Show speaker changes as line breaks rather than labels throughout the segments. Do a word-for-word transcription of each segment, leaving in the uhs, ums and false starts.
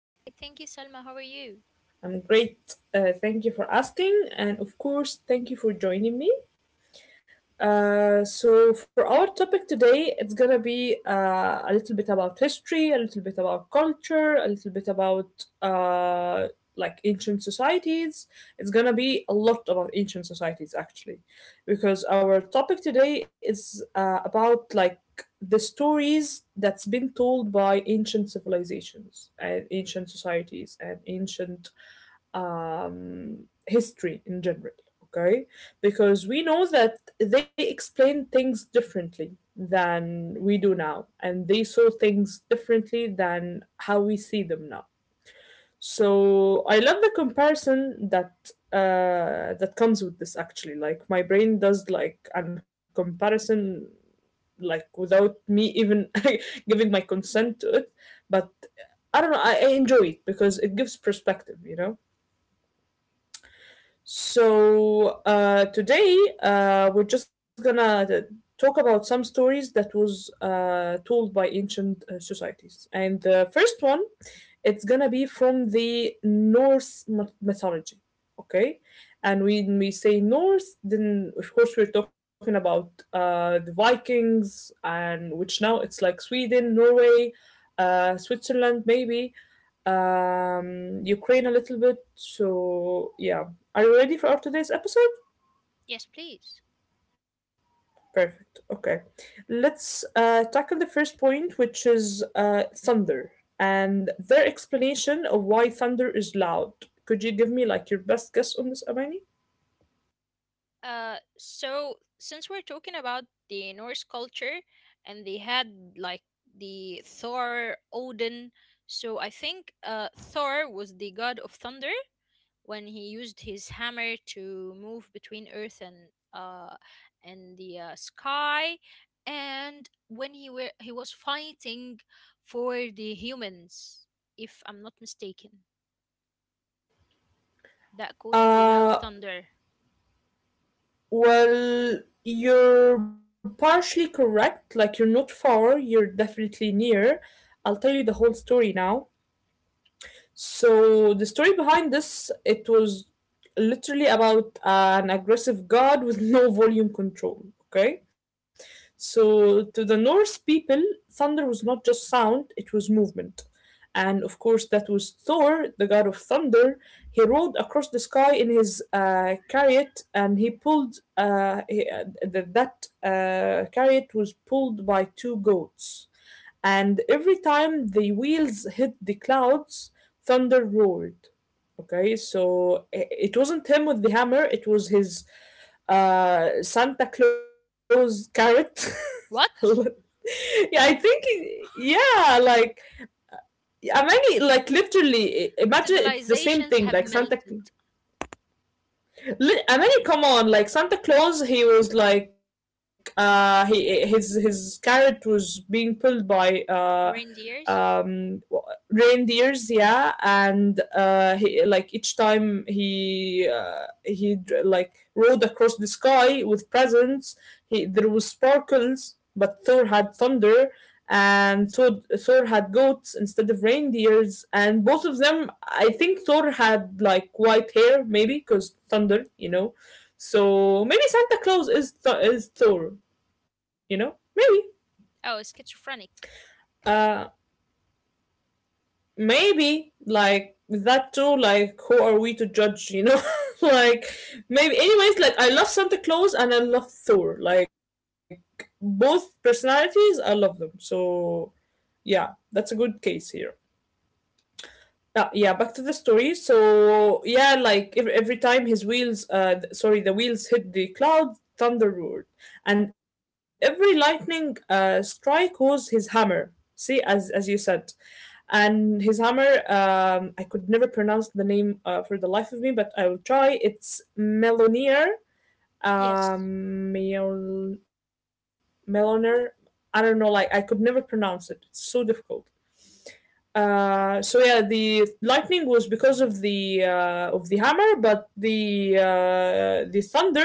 I'm great, thank you, Salma. How are you?
I'm great. Uh, thank you for asking, and of course, thank you for joining me. Uh, so for our topic today, it's gonna be uh, a little bit about history, a little bit about culture, a little bit about uh, like ancient societies. It's gonna be a lot about ancient societies actually, because our topic today is uh, about like the stories that's been told by ancient civilizations and ancient societies and ancient um, history in general, okay? Because we know that they explain things differently than we do now, and they saw things differently than how we see them now. So I love the comparison that uh, that comes with this actually. Like my brain does like a comparison like without me even giving my consent to it, but I don't know. I, I enjoy it because it gives perspective, you know. So uh, today uh, we're just gonna talk about some stories that was uh, told by ancient uh, societies. And the first one, it's gonna be from the Norse myth- mythology. Okay, and when we say Norse, then of course we're talking about uh, the Vikings, and which now it's like Sweden, Norway, uh, Switzerland, maybe um, Ukraine a little bit. So, yeah. Are you ready for our today's episode?
Yes, please.
Perfect. Okay. Let's uh, tackle the first point, which is uh, thunder and their explanation of why thunder is loud. Could you give me like your best guess on this, Amani?
Uh, so since we're talking about the Norse culture and they had like the Thor, Odin, so I think uh, Thor was the god of thunder when he used his hammer to move between Earth and uh and the uh, sky, and when he were he was fighting for the humans, if I'm not mistaken, that caused the loud
Uh,
thunder.
well, you're partially correct. Like, you're not far, you're definitely near. I'll tell you the whole story now. So the story behind this, it was literally about an aggressive god with no volume control. Okay, so to the Norse people, thunder was not just sound; it was movement, and of course that was Thor, the god of thunder. He rode across the sky in his uh, chariot, and he pulled uh, he, uh, th- that uh, chariot was pulled by two goats, and every time the wheels hit the clouds, thunder roared. Okay, so i- it wasn't him with the hammer, it was his uh, Santa Claus carrot.
What?
Yeah, I think, it- yeah, like, I mean, like, literally, i- imagine it's the same
Civilizations
thing,
have
like Santa.
melted.
Li- I mean, come on, like Santa Claus, he was like uh he his his carrot was being pulled by uh
Reindeers?
um w- reindeers, yeah, and uh he like each time he uh, he dr- like rode across the sky with presents, he there was sparkles, but Thor had thunder, and Thor, Thor had goats instead of reindeers, and both of them, I think Thor had like white hair, maybe because thunder, you know. So maybe Santa Claus is th- is Thor, you know, maybe,
Oh, schizophrenic.
uh, maybe like that too. Like, who are we to judge, you know? Like, maybe. Anyways, like I love Santa Claus and I love Thor. Like both personalities, I love them. So yeah, that's a good case here. Uh, yeah, back to the story. So yeah, like every, every time his wheels, uh, th- sorry, the wheels hit the cloud, thunder roared, and every lightning uh, strike was his hammer. See, as as you said, and his hammer. Um, I could never pronounce the name uh, for the life of me, but I will try. It's Melonier.
Yes.
Um, Mel- Meloner. I don't know. Like I could never pronounce it. It's so difficult. Uh, so yeah, the lightning was because of the uh, of the hammer, but the uh, the thunder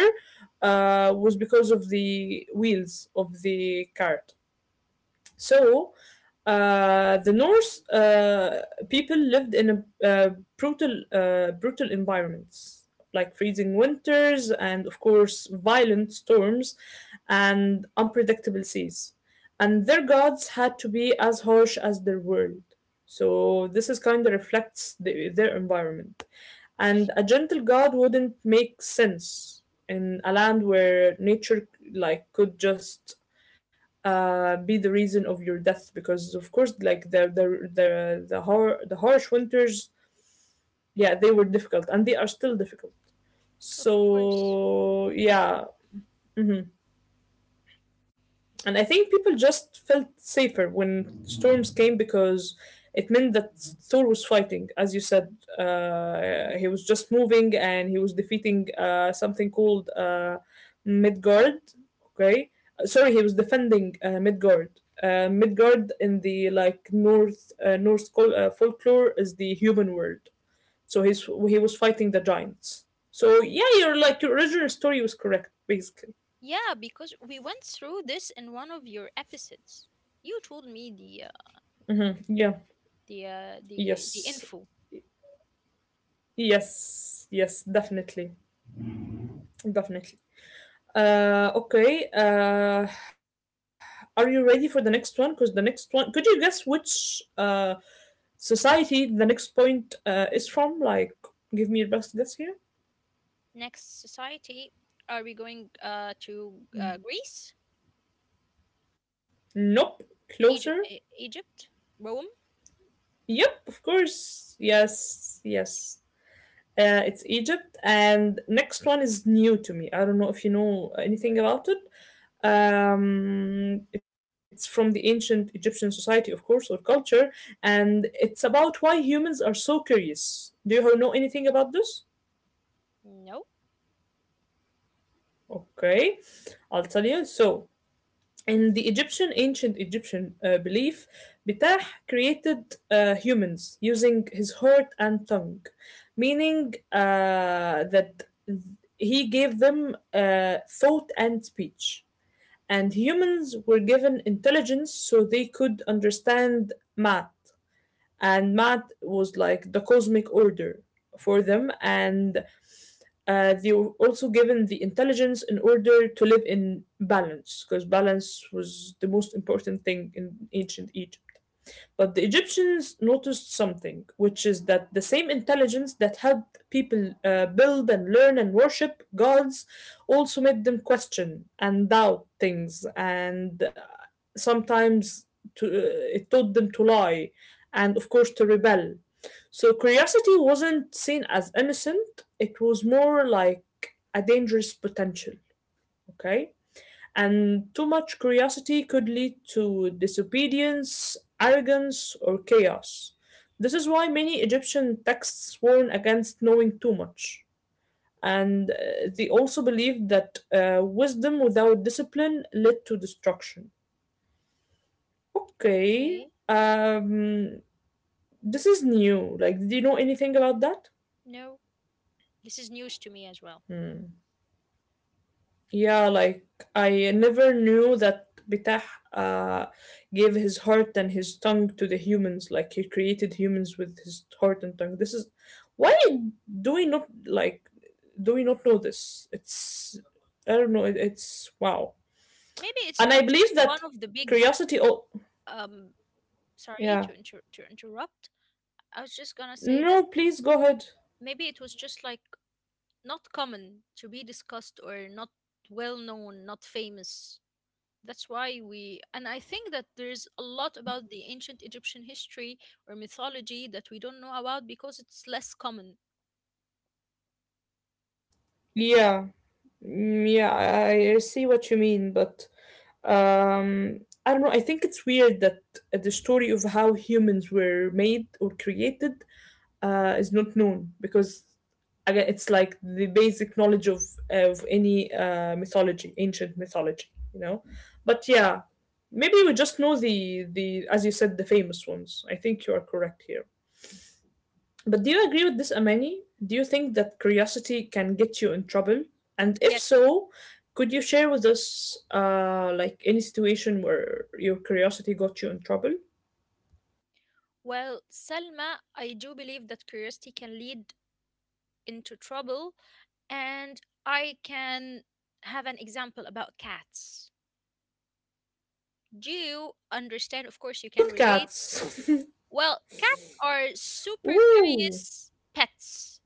uh, was because of the wheels of the cart. So, uh, the Norse uh, people lived in a uh, brutal, uh, brutal environments, like freezing winters and, of course, violent storms and unpredictable seas. And their gods had to be as harsh as their world. So this is kind of reflects the, their environment. And a gentle god wouldn't make sense in a land where nature like could just uh, be the reason of your death, because of course like the the the the, hor- the harsh winters, yeah, they were difficult and they are still difficult,
Of course.
so yeah. Mhm. And I think people just felt safer when storms came because it meant that Thor was fighting, as you said. Uh, he was just moving and he was defeating uh, something called uh, Midgard. Okay. Uh, sorry, he was defending uh, Midgard. Uh, Midgard in the like North uh, North col- uh, folklore is the human world. So he's he was fighting the giants. So yeah, you're like your original story was correct basically.
Yeah, because we went through this in one of your episodes. You told me the uh,
Yeah.
the uh, the the
Yes.
info.
Yes, yes, definitely, definitely. Uh, okay. Uh, are you ready for the next one? Because the next one, could you guess which uh society the next point uh is from? Like, give me your best guess here.
Next society, are we going uh, to uh, Greece,
Nope.
Egypt,
Closer.
Egypt, Rome?
Yep. Of course. Yes. Yes. Uh, it's Egypt, and next one is new to me. I don't know if you know anything about it. Um, it's from the ancient Egyptian society, of course, or culture, and it's about why humans are so curious. Do you know anything about this?
No.
Okay, I'll tell you. So, in the Egyptian, ancient Egyptian uh, belief, Bitah created uh, humans using his heart and tongue, meaning uh, that he gave them uh, thought and speech. And humans were given intelligence so they could understand math. And math was like the cosmic order for them, and uh, they were also given the intelligence in order to live in balance, because balance was the most important thing in ancient Egypt. But the Egyptians noticed something, which is that the same intelligence that helped people uh, build and learn and worship gods also made them question and doubt things, and uh, sometimes to, uh, it taught them to lie and, of course, to rebel. So curiosity wasn't seen as innocent, it was more like a dangerous potential, okay? And too much curiosity could lead to disobedience, arrogance, or chaos. This is why many Egyptian texts warn against knowing too much. And uh, they also believed that uh, wisdom without discipline led to destruction. Okay.
Okay.
um, this is new. Like, do you know anything about that?
No. This is news to me as well.
Hmm. Yeah, like I never knew that Bitah uh, gave his heart and his tongue to the humans. Like he created humans with his heart and tongue. This is why do we not like do we not know this? It's I don't know. It, it's wow,
Maybe it's
and I
not
believe
just one
that
of the
curiosity.
big.
Oh,
Um,
yeah.
sorry to inter- to interrupt. I was just gonna say that
No, please go ahead.
maybe it was just like not common to be discussed or not well known, not famous. That's why we, and I think that there's a lot
Hmm.
about the ancient Egyptian history or mythology that we don't know about because it's less common.
Yeah, mm, yeah. I, I see what you mean, but Um, I don't know. I think it's weird that uh, the story of how humans were made or created uh, is not known, because again, it's like the basic knowledge of of any uh, mythology, ancient mythology, you know. But yeah, maybe we just know the the as you said the famous ones. I think you are correct here. But do you agree with this, Amani? Do you think that curiosity can get you in trouble? And if
Yes.
so, could you share with us, uh, like any situation where your curiosity got you in trouble?
Well, Selma, I do believe that curiosity can lead into trouble, and I can have an example about cats. Do you understand? Of course, you
What's
can
with
relate.
cats?
Well, cats are super curious pets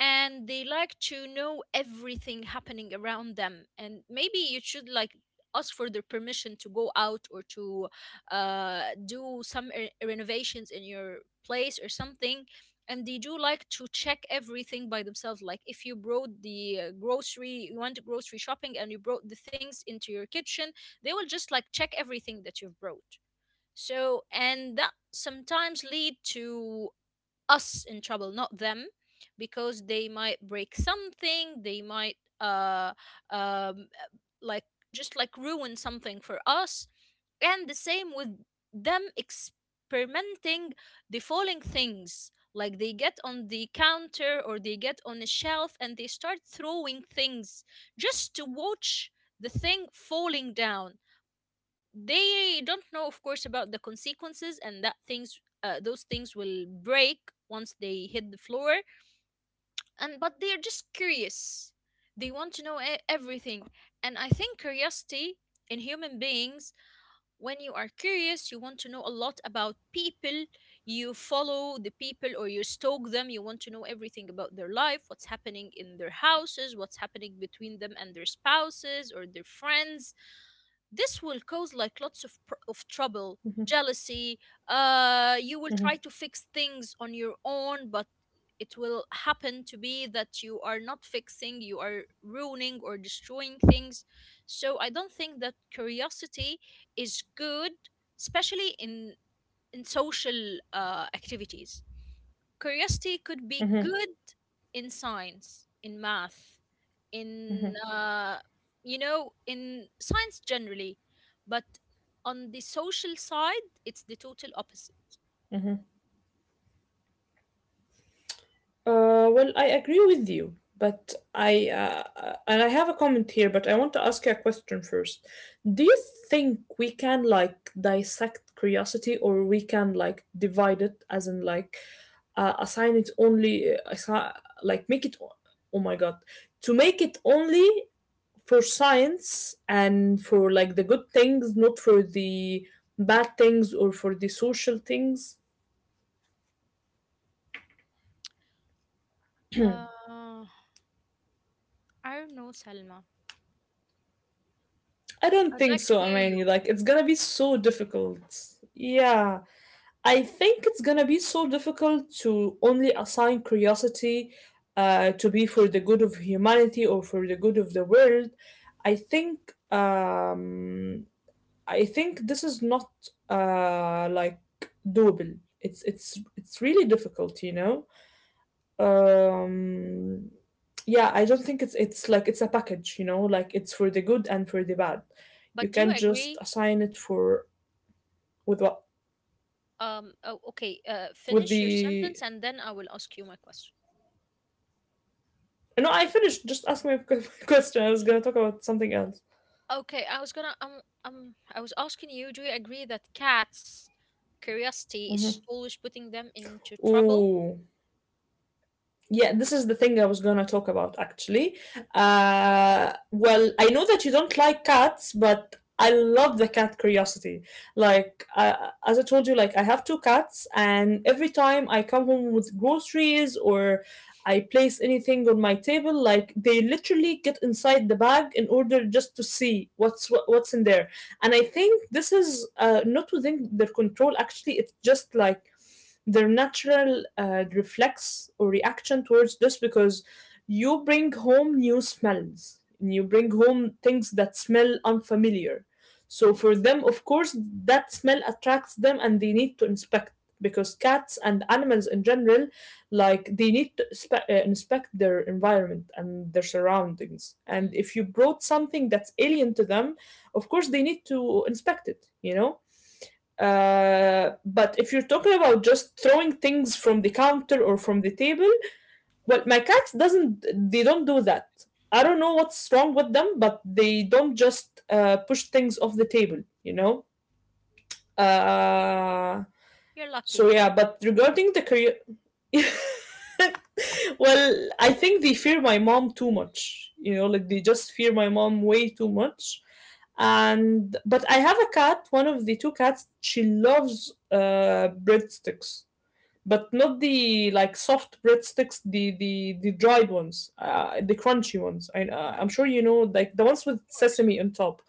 and they like to know everything happening around them. And maybe you should like ask for their permission to go out or to uh, do some re- renovations in your place or something. And they do like to check everything by themselves. Like if you brought the uh, grocery, you went grocery shopping and you brought the things into your kitchen, they will just like check everything that you've brought. So, and that sometimes lead to us in trouble, not them, because they might break something, they might uh um like just like ruin something for us. And the same with them experimenting the falling things. Like they get on the counter or they get on a shelf and they start throwing things just to watch the thing falling down. They don't know of course about the consequences and that things uh, those things will break once they hit the floor and but they are just curious, they want to know e- everything. And I think curiosity in human beings, when you are curious, you want to know a lot about people, you follow the people or you stalk them, you want to know everything about their life, what's happening in their houses, what's happening between them and their spouses or their friends. This will cause like lots of pr- of trouble, jealousy. Uh you will try to fix things on your own, but it will happen to be that you are not fixing, you are ruining or destroying things. So I don't think that curiosity is good, especially in in social uh activities. Curiosity could be good in science, in math,
Ooh.
in uh, you know, in science generally, but on the social side, it's the total opposite.
Uh, well, I agree with you, but I uh, uh, and I have a comment here, but I want to ask you a question first. Do you think we can like dissect curiosity, or we can like divide it, as in like uh, assign it only, uh, assi- like make it? o- Oh my God, to make it only for science and for like the good things, not for the bad things or for the social things.
Uh, I don't know, Salma.
I don't
I'd
think
like to
so,
hear you,
Amani. Like, it's gonna be so difficult. Yeah. I think it's gonna be so difficult to only assign curiosity uh, to be for the good of humanity or for the good of the world. I think um, I think this is not uh, like doable. It's it's it's really difficult, you know. Um, yeah, I don't think it's it's like it's a package, you know, like it's for the good and for the bad. You
but do you
can't just
agree?
assign it for with what
Um, oh, okay, uh,
with
finish your
the.
sentence and then I will ask you my question.
No, I finished. Just ask my question. I was gonna talk about something else.
Okay, I was gonna um um I was asking you, do you agree that cats' curiosity is
Mhm.
always putting them into trouble?
Ooh. Yeah, this is the thing I was gonna talk about actually. Uh, well, I know that you don't like cats, but I love the cat curiosity. Like, uh, as I told you, like I have two cats, and every time I come home with groceries or I place anything on my table, like they literally get inside the bag in order just to see what's what, what's in there. And I think this is uh, not within their control. Actually, it's just like their natural uh, reflex or reaction towards this because you bring home new smells and you bring home things that smell unfamiliar. So for them, of course, that smell attracts them and they need to inspect because cats and animals in general like they need to spe- uh, inspect their environment and their surroundings, and if you brought something that's alien to them, of course they need to inspect it you know uh, but if you're talking about just throwing things from the counter or from the table, well, my cats doesn't. They don't do that. I don't know what's wrong with them, but they don't just uh, push things off the table. You know. Uh,
You're
so
lucky.
yeah, but regarding the well, I think they fear my mom too much. You know, like they just fear my mom way too much. And but I have a cat, one of the two cats, she loves uh breadsticks. But not the like soft breadsticks, the the the dried ones, uh, the crunchy ones. I uh, I'm sure
Mhm.
you know like the ones with
Of course.
sesame on top.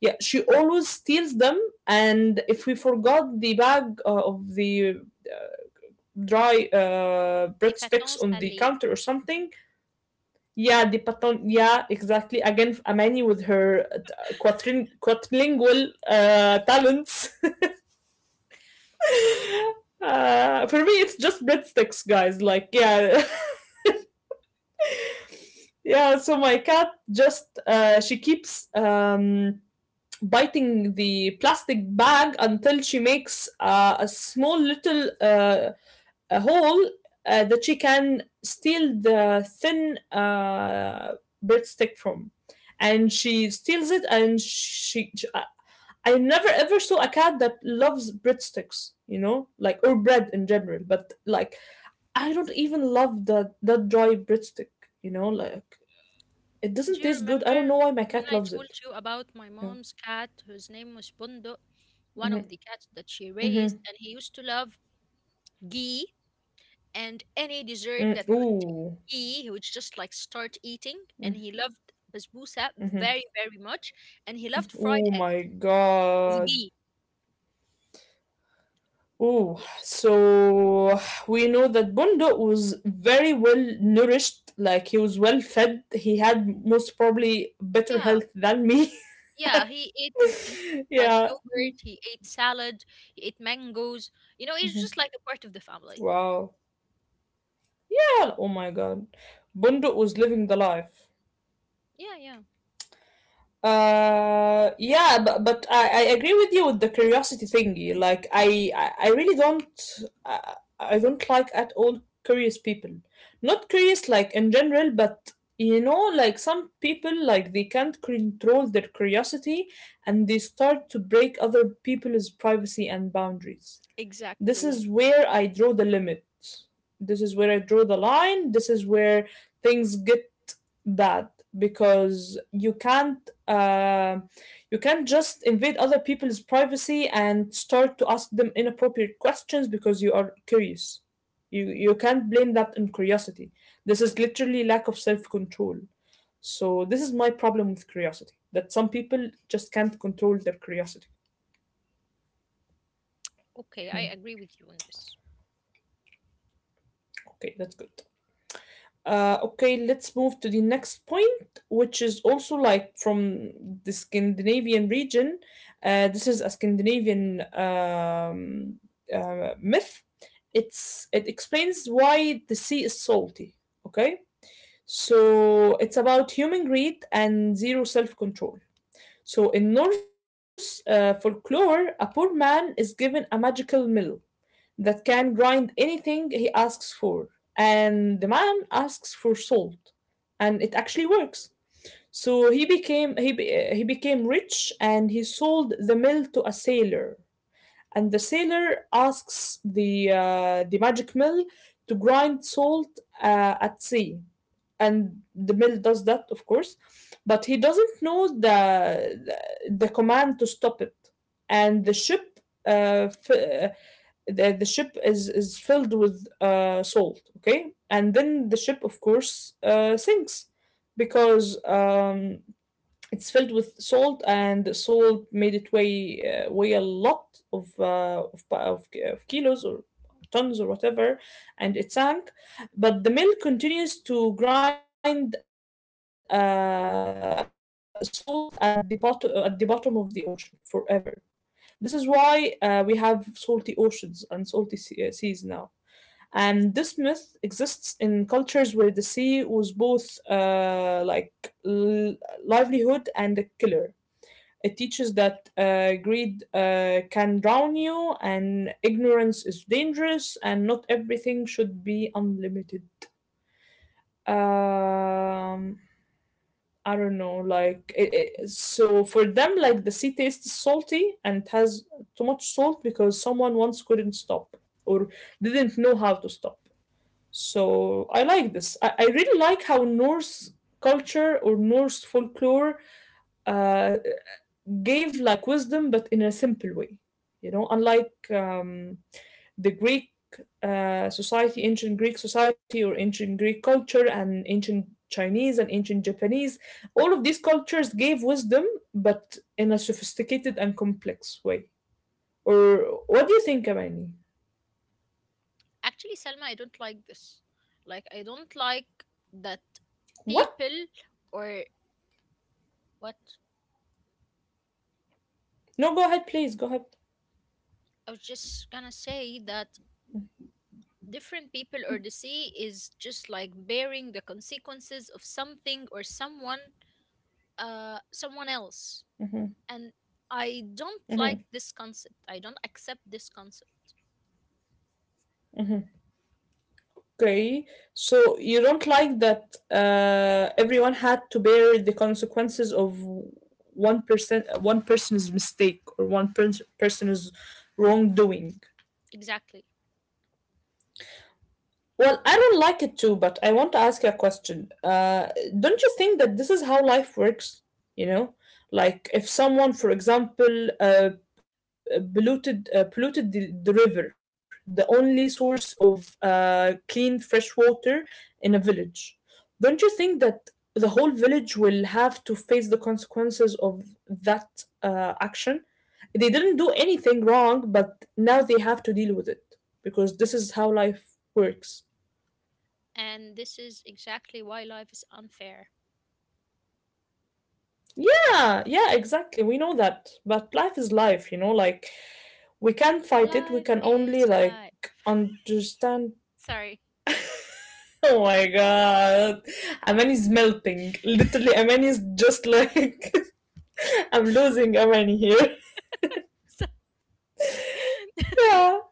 Yeah, she always steals them, and if we forgot the bag uh, of the dry uh,
The
breadsticks
Paton
on the
Salé.
counter or something. Yeah, the paton. Yeah, exactly. Again, Amani with her uh, quadrin- quadrilingual uh, talents. Uh, for me, it's just breadsticks, guys. Like, yeah, yeah. So my cat just uh, she keeps um, biting the plastic bag until she makes uh, a small little uh, a hole uh, that she can steal the thin uh, breadstick from. And she steals it, and she. she- I- I never ever saw a cat that loves breadsticks, you know, like or bread in general. But like, I don't even love that that dry breadstick, you know, like it doesn't
Do you
taste good. I don't
remember
know why my
when
cat
I
loves
told
it.
you about my
Yeah.
mom's cat whose name was Bundo, one
Mm-hmm.
of the cats that she
Mm-hmm.
raised, and he used to love ghee and any dessert
Mm.
that could
Ooh.
ghee, he would just like start eating, and he loved basbousa
Mm-hmm.
very, very much, and he loved fried
Oh
eggs
my
with
god.
ghee.
Oh,
Yes.
so we know that Bondo was very well nourished, like he was well fed. He had most probably better
Yeah.
health than me.
Yeah. He ate it, he, like
yeah.
yogurt, he ate salad, he ate mangoes. You know, he's just
Mhm.
like a part of the family.
Wow. Yeah, oh my god. Bondo was living the life.
Yeah, yeah.
Uh, yeah, but but I, I agree with you with the curiosity thingy. Like I I, I really don't I, I don't like at all curious people. Not curious like in general, but you know, like some people like they can't control their curiosity, and they start to break other people's privacy and boundaries. This
Exactly.
is where I draw the limit. This is where I draw the line. This is where things get bad because you can't uh, you can't just invade other people's privacy and start to ask them inappropriate questions because you are curious. You you can't blame that on curiosity. This is literally lack of self control. So this is my problem with curiosity, that some people just can't control their curiosity.
Okay, I agree with you on this.
Okay, that's good. Uh, okay, let's move to the next point, which is also like from the Scandinavian region. Uh, this is a Scandinavian um, uh, myth. It's it explains why the sea is salty. Okay, so it's about human greed and zero self control. So in Norse uh, folklore, a poor man is given a magical mill that can grind anything he asks for, and the man asks for salt and it actually works. So he became he be- he became rich and he sold the mill to a sailor. And the sailor asks the uh, the magic mill to grind salt uh, at sea, and the mill does that, of course. But he doesn't know the the, the command to stop it, and the ship uh, f- uh, the, the ship is is filled with uh, salt, okay, and then the ship of course uh, sinks because um, it's filled with salt, and the salt made it weigh uh, weigh a lot of, uh, of pa- of of kilos or tons or whatever, and it sank, but the mill continues to grind uh, salt at the bottom at the bottom of the ocean forever. This is why uh, we have salty oceans and salty sea- uh, seas now. And this myth exists in cultures where the sea was both uh, like l- livelihood and a killer. It teaches that uh, greed uh, can drown you, and ignorance is dangerous, and not everything should be unlimited. Um, I don't know, like it, it, so for them, like the sea tastes salty and it has too much salt because someone once couldn't stop or didn't know how to stop. So I like this. I, I really like how Norse culture or Norse folklore uh, gave like wisdom, but in a simple way. You know, unlike um, the Greek uh, society, ancient Greek society, or ancient Greek culture, and ancient Chinese and ancient Japanese, all of these cultures gave wisdom, but in a sophisticated and complex way. Or what do you think, Amani?
Actually, Selma, I don't like this. Like, I don't like that
What?
people or what.
No, go ahead, please. Go ahead.
I was just gonna say that different people or the sea is just like bearing the consequences of something or someone, uh, someone else. And I don't like this concept. I don't accept this concept.
Okay, so you don't like that uh, everyone had to bear the consequences of one person, one person's mistake or one pers- person's wrongdoing.
Exactly.
Well, I don't like it too, but I want to ask you a question. Uh, don't you think that this is how life works? You know, like if someone, for example, uh, polluted uh, polluted the, the river, the only source of uh, clean fresh water in a village, don't you think that the whole village will have to face the consequences of that uh, action? They didn't do anything wrong, but now they have to deal with it because this is how life works.
And this is exactly why life is unfair.
Yeah, yeah, exactly. We know that. But life is life, you know, like we can't fight it. We
Life
can only
is
like
life.
understand.
Sorry.
Oh my god. Aman is melting. Literally, Aman is just like I'm losing Aman here.
So—
Yeah.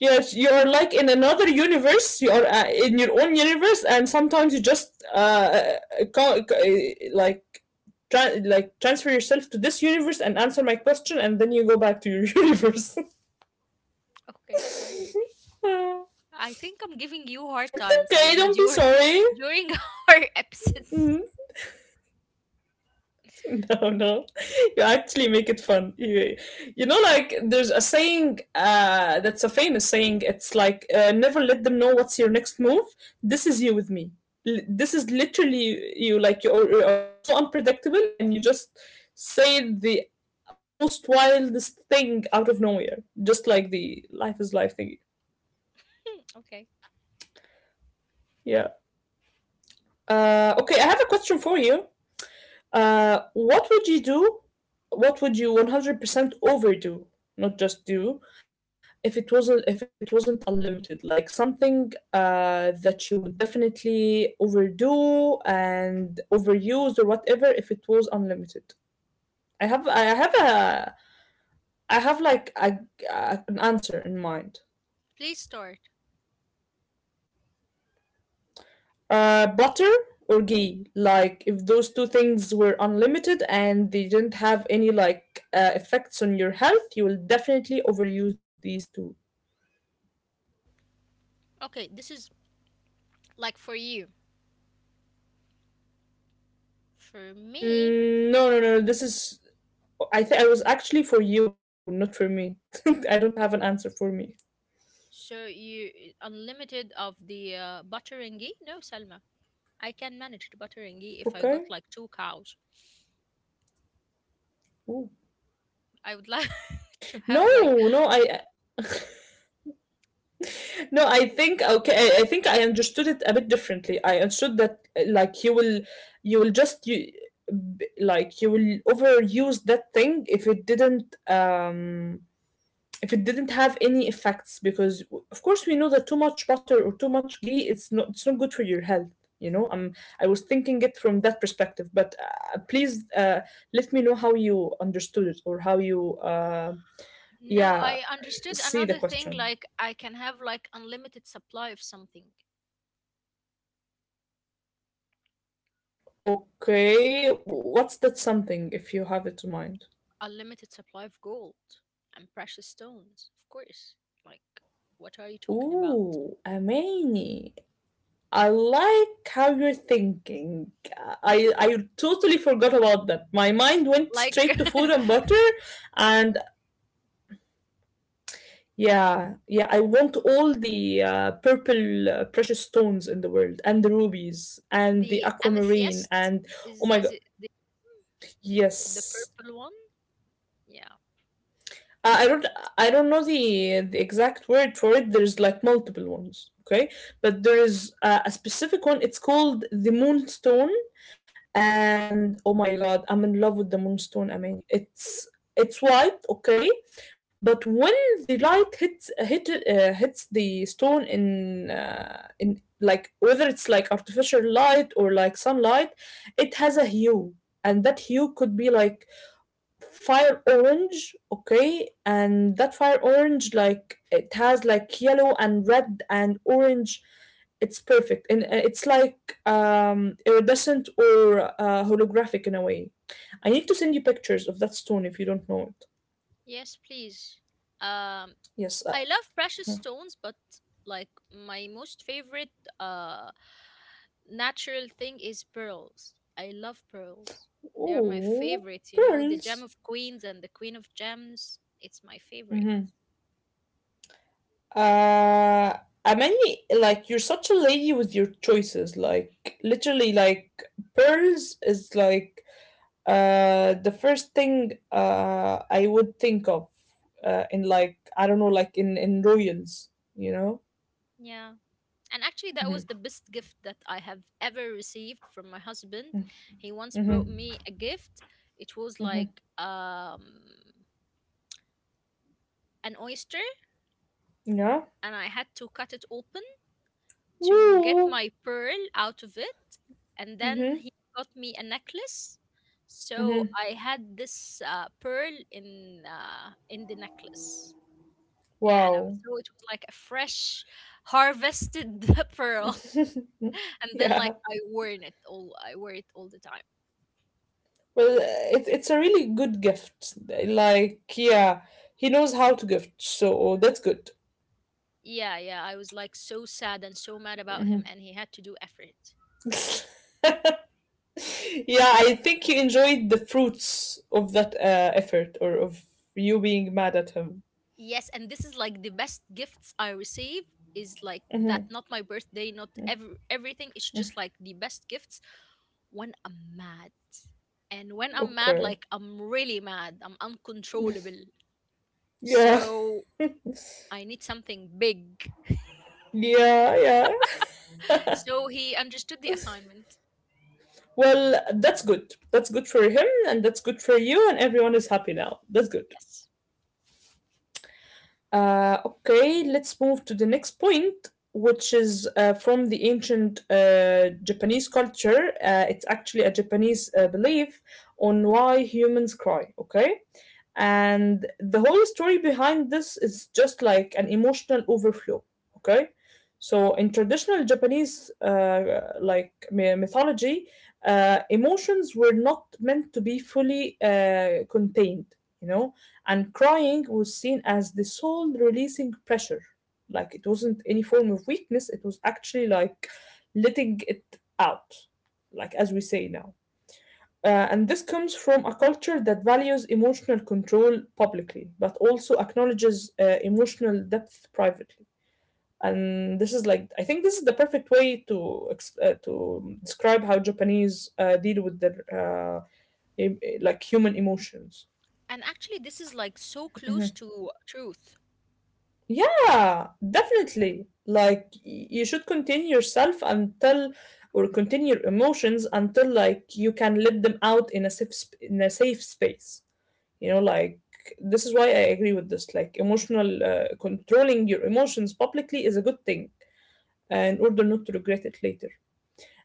Yes, you're like in another universe. You are uh, in your own universe, and sometimes you just uh, co- co- eh, like tra- like transfer yourself to this universe and answer my question, and then you go back to your universe.
okay, sorry.
it's
I think I'm giving you hard
okay. Don't
time,
be
Salma,
sorry.
during during our
Mhm.
episodes.
No, no. You actually make it fun. You, you know, like there's a saying uh, that's a famous saying. It's like uh, never let them know what's your next move. This is you with me. L- this is literally you. Like you are, you are so unpredictable, and you just say the most wildest thing out of nowhere, just like the life is life thing.
Okay.
Yeah. Uh, okay, I have a question for you. Uh, what would you do? What would you one hundred percent overdo, not just do, if it wasn't if it wasn't unlimited? Like something uh, that you would definitely overdo and overuse or whatever if it was unlimited. I have I have a I have like a, a- an answer in mind.
Please start.
Uh, butter or ghee? Like if those two things were unlimited and they didn't have any like uh, effects on your health, you will definitely overuse these two.
Okay, this is like for you. For me,
Mm, no, no, no. This is. I think I was actually for you, not for me. I don't have an answer for me.
so you unlimited of the uh, butteringi? No, Salma. I can manage the butteringi if I got like
Okay.
two cows.
Ooh.
I would like to have
No,
like
no. I No, I think okay. I I think I understood it a bit differently. I understood that uh, like you will, you will just you, b- like you will overuse that thing if it didn't um if it didn't have any effects because w- of course we know that too much butter or too much ghee it's not it's not good for your health. You know, um, I was thinking it from that perspective, but uh, please uh, let me know how you understood it or how you uh,
no,
Yeah,
I understood
see the
another thing
question.
like I can have like unlimited supply of something.
Okay, what's that something if you have it in mind?
Unlimited supply of gold and precious stones, of course. Like, what are you talking about?
Ooh, amazing. I like how you're thinking. I I totally forgot about that. My mind went straight
Like,
to food and butter, and yeah, yeah. I want all the uh, purple uh, precious stones in the world, and the rubies, and the
the
aquamarine,
amethyst,
and oh my
is
god,
is it the the
yes.
purple one? Yeah.
Uh, I don't I don't know the the exact word for it. There's like multiple ones, okay? But there is uh, a specific one. It's called the Moonstone, and oh my god, I'm in love with the Moonstone, Amani. It's it's white, okay, but when the light hits uh, hit uh, hits the stone in uh, in like whether it's like artificial light or like sunlight, it has a hue, and that hue could be like fire orange, okay, and that fire orange like it has like yellow and red and orange. It's perfect, and uh, it's like um iridescent or uh, holographic in a way. I need to send you pictures of that stone if you don't know it.
Yes, please. Um,
Yes. Uh,
I love precious stones, but like my most favorite uh natural thing is pearls. I love pearls. They are my
oh,
favorite, you know, the gem
pearls.
of queens and the queen of gems. It's my favorite.
Mm-hmm. uh I mean, like you're such a lady with your choices, like literally, like pearls is like Uh, the first thing uh, I would think of uh, in, like I don't know, like in in ruins, you know.
Yeah. And actually that
Mm-hmm.
was the best gift that I have ever received from my husband. He once
Mm-hmm.
brought me a gift. It was
Mm-hmm.
like um an oyster
Yeah.
and I had to cut it open to get
Woo.
my pearl out of it, and
Mm-hmm.
then he got me a necklace, so
Mm-hmm.
I had this uh, pearl in uh, in the necklace. Yeah, and um,
Wow.
so it was like a fresh harvested pearl. And then like
Yeah.
i wore it all I wore it all the time.
Well, uh, it, it's a really good gift. Like, yeah, he knows how to gift, so that's good.
Yeah, yeah, I was like so sad and so mad about him and he had to do effort.
Yeah, I think he enjoyed the fruits of that uh, effort, or of you being mad at him.
Yes, and this is like the best gifts I receive is like that, not my birthday, not every everything. It's just like the best gifts when I'm mad. And when I'm mad,
Okay.
like I'm really mad. I'm uncontrollable.
Yeah.
So I need something big.
Yeah, yeah.
So he understood the assignment.
Well, that's good. That's good for him and that's good for you and everyone is happy now. That's good.
Yes.
Uh okay, let's move to the next point, which is uh, from the ancient uh, Japanese culture. Uh, it's actually a Japanese uh, belief on why humans cry, okay? And the whole story behind this is just like an emotional overflow, okay? So in traditional Japanese uh, like my- mythology, uh, emotions were not meant to be fully uh, contained, you know, and crying was seen as the soul releasing pressure. Like it wasn't any form of weakness, it was actually like letting it out, like as we say now. Uh, and this comes from a culture that values emotional control publicly, but also acknowledges uh, emotional depth privately. And this is like, I think this is the perfect way to ex- uh, to describe how Japanese uh, deal with their uh, em- like human emotions.
And actually this is like so close to truth.
Yeah, definitely. Like y- you should contain yourself until, or contain your emotions until, like you can let them out in a safe sp- in a safe space. You know, like this is why I agree with this. Like emotional uh, controlling your emotions publicly is a good thing, uh, in order not to regret it later.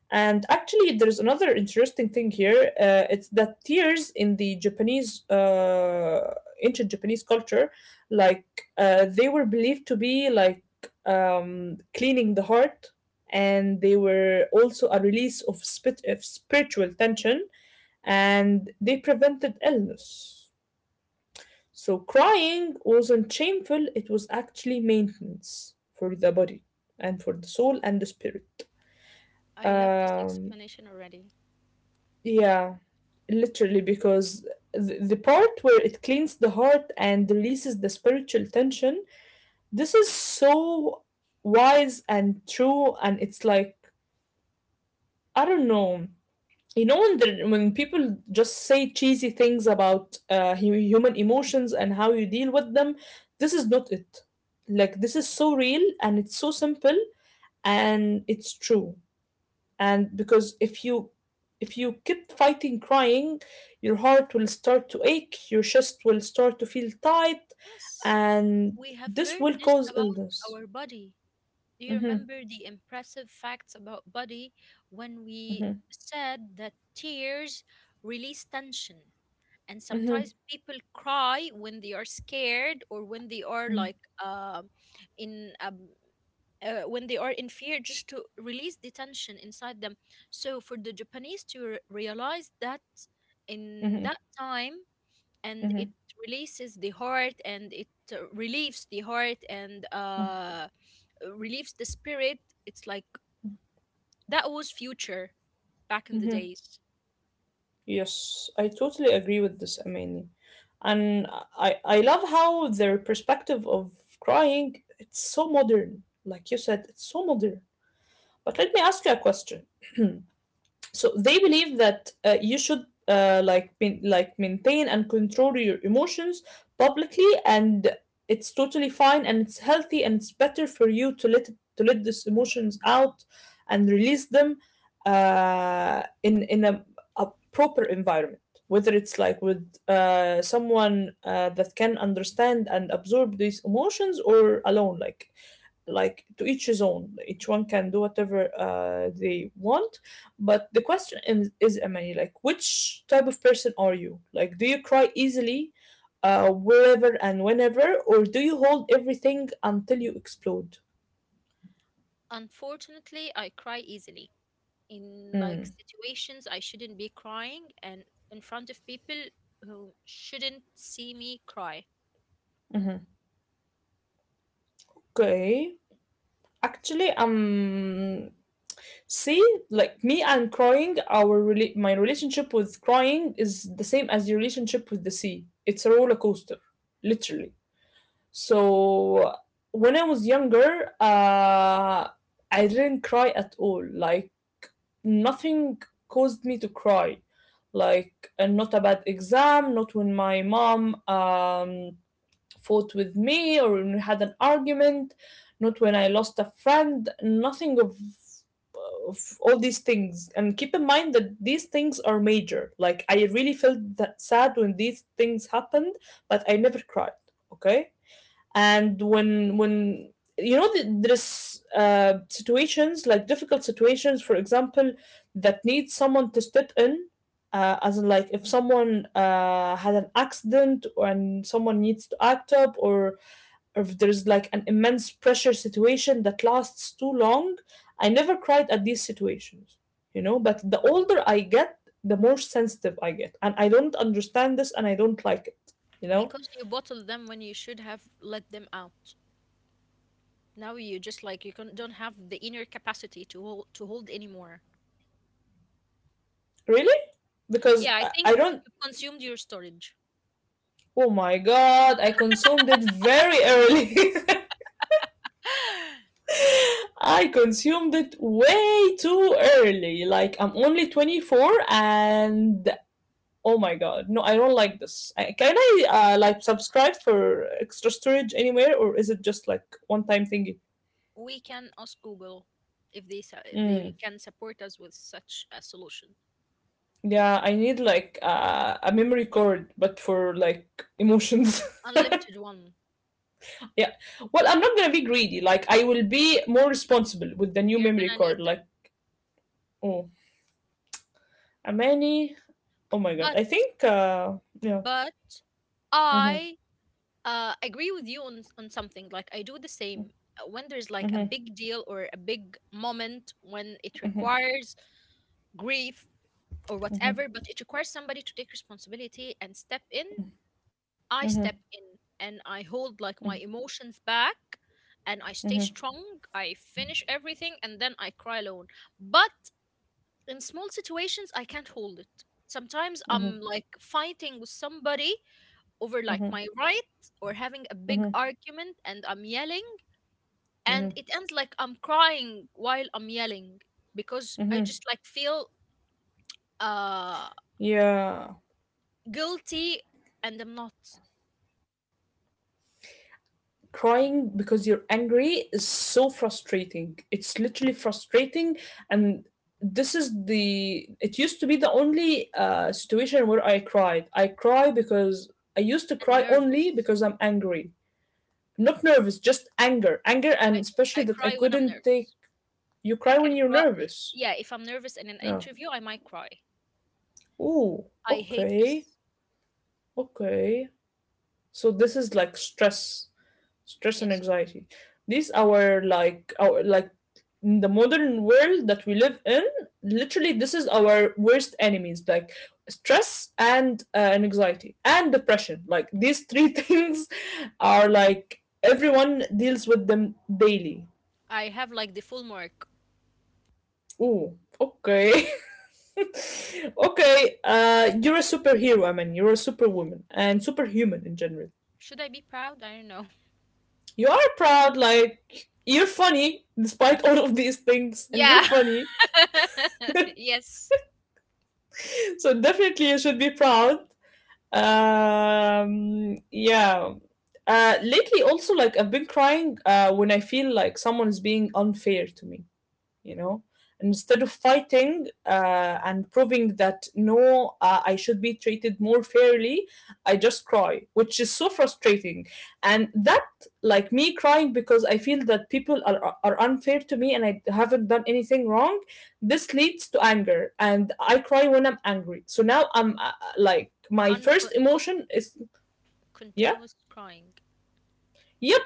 And actually, there's another interesting thing here. Uh, it's that tears in the Japanese, uh, ancient Japanese culture, like uh, they were believed to be like um, cleaning the heart, and they were also a release of, spit- of spiritual tension, and they prevented illness. So crying wasn't shameful; it was actually maintenance for the body and for the soul and the spirit.
I love this
Um,
explanation already.
yeah. Literally, because the, the part where it cleans the heart and releases the spiritual tension, this is so wise and true, and it's like I don't know. You know when the, when people just say cheesy things about uh, hu- human emotions and how you deal with them, this is not it. Like this is so real and it's so simple and it's true. And because if you, if you keep fighting crying, your heart will start to ache, your chest will start to feel tight,
Yes.
and
We have
this will
learned this
cause
about
illness.
our body. Do you
Mm-hmm.
remember the impressive facts about body when we
Mm-hmm.
said that tears release tension? And
Mm-hmm.
sometimes people cry when they are scared or when they are
Mm-hmm.
like uh, in um, uh, when they are in fear just to release the tension inside them. So for the Japanese to re- realize that in
Mm-hmm.
that time and
Mm-hmm.
it releases the heart and it uh, relieves the heart and uh relieves the spirit, it's like that was future back in the
Mm-hmm.
days.
Yes, I totally agree with this, Amani. And i i love how their perspective of crying, it's so modern, like you said, it's so modern. But let me ask you a question. So they believe that uh, you should uh, like main- like maintain and control your emotions publicly, and it's totally fine and it's healthy and it's better for you to let to let these emotions out and release them uh, in in a, a proper environment, whether it's like with uh, someone uh, that can understand and absorb these emotions, or alone, like like to each his own, each one can do whatever uh, they want. But the question is, is Amani, like which type of person are you? Like do you cry easily uh, wherever and whenever, or do you hold everything until you explode?
Unfortunately, I cry easily in like
Mm.
situations I shouldn't be crying and in front of people who shouldn't see me cry.
Mhm. Okay, actually, um see, like me and crying, our rela- my relationship with crying is the same as your relationship with the sea. It's a roller coaster, literally. So when I was younger, uh, I didn't cry at all. Like nothing caused me to cry. Like uh, not a bad exam, not when my mom um, fought with me or when we had an argument, not when I lost a friend. Nothing of of all these things, and keep in mind that these things are major, like I really felt that sad when these things happened, but I never cried. Okay. And when when you know, th- there's uh, situations, like difficult situations, for example, that need someone to step in, uh, as in like if someone uh, had an accident, or and someone needs to act up, or or if there's like an immense pressure situation that lasts too long, I never cried at these situations, you know. But the older I get, the more sensitive I get, and I don't understand this and I don't like it, you know.
Because you bottle them when you should have let them out, now you just like you can, don't have the inner capacity to hold, to hold anymore.
Really? Because
Yeah, I
I I
think
don't.
you've consumed your storage.
Oh my god, I consumed it very early. I consumed it way too early. Like, I'm only twenty-four and. Oh my god, no, I don't like this. I, can I, uh, like, subscribe for extra storage anywhere, or is it just like one time thingy?
We can ask Google if they su-
Mm.
they can support us with such a solution.
Yeah, I need like uh, a memory card, but for like emotions.
Unlimited one.
Yeah. Well, I'm not gonna be greedy. Like I will be more responsible with the new
You're
memory
gonna
card.
need
Like
them.
oh, Amani. Oh my god.
But
I think uh yeah.
but
Mhm.
I uh, agree with you on on something. Like I do the same. Uh, when there's like a
Mhm.
big deal or a big moment when it requires grief or whatever, but it requires somebody to take responsibility and step in, I
Mhm.
step in and I hold like my emotions back and I stay
Mhm.
strong. I finish everything and then I cry alone. But in small situations, I can't hold it. Sometimes I'm
Mhm.
like fighting with somebody over like my
Mhm.
right or having a big
Mhm.
argument and I'm yelling and it
Mhm.
ends like I'm crying while I'm yelling because I just
Mhm.
like feel uh
Yeah.
guilty and I'm not.
Crying because you're angry is so frustrating. It's literally frustrating, and this is the, it used to be the only uh situation where I cried. I cry because I used to
And
cry only
nervous.
because I'm angry. Not nervous, just anger, anger, and
I
especially
I
that I
cry when I'm
couldn't take.
nervous.
You
I
cry
can
when you're
cry.
nervous.
Yeah, if I'm nervous in an
Yeah.
interview, I might cry.
Ooh.
I hate
Okay.
this.
Okay. So this is like stress, stress and
Yes.
anxiety. These our like our like in the modern world that we live in. Literally, this is our worst enemies. Like stress and uh, and anxiety and depression. Like these three things are like everyone deals with them daily.
I have like the full mark.
Ooh. Okay. Okay, uh, you're a superhero. I mean, you're a superwoman and superhuman in general.
Should I be proud? I don't know.
You are proud, like you're funny despite all of these things, and you're
Yeah.
funny.
Yes.
So definitely, you should be proud. Um, yeah. Uh, lately, also, like I've been crying uh, when I feel like someone is being unfair to me. You know, instead of fighting uh, and proving that no, uh, I should be treated more fairly, I just cry, which is so frustrating. And that, like me crying because I feel that people are, are unfair to me and I haven't done anything wrong, this leads to anger, and I cry when I'm angry. So now I'm uh, like my first
Uncon- con-
emotion is yeah
continuous crying.
yeah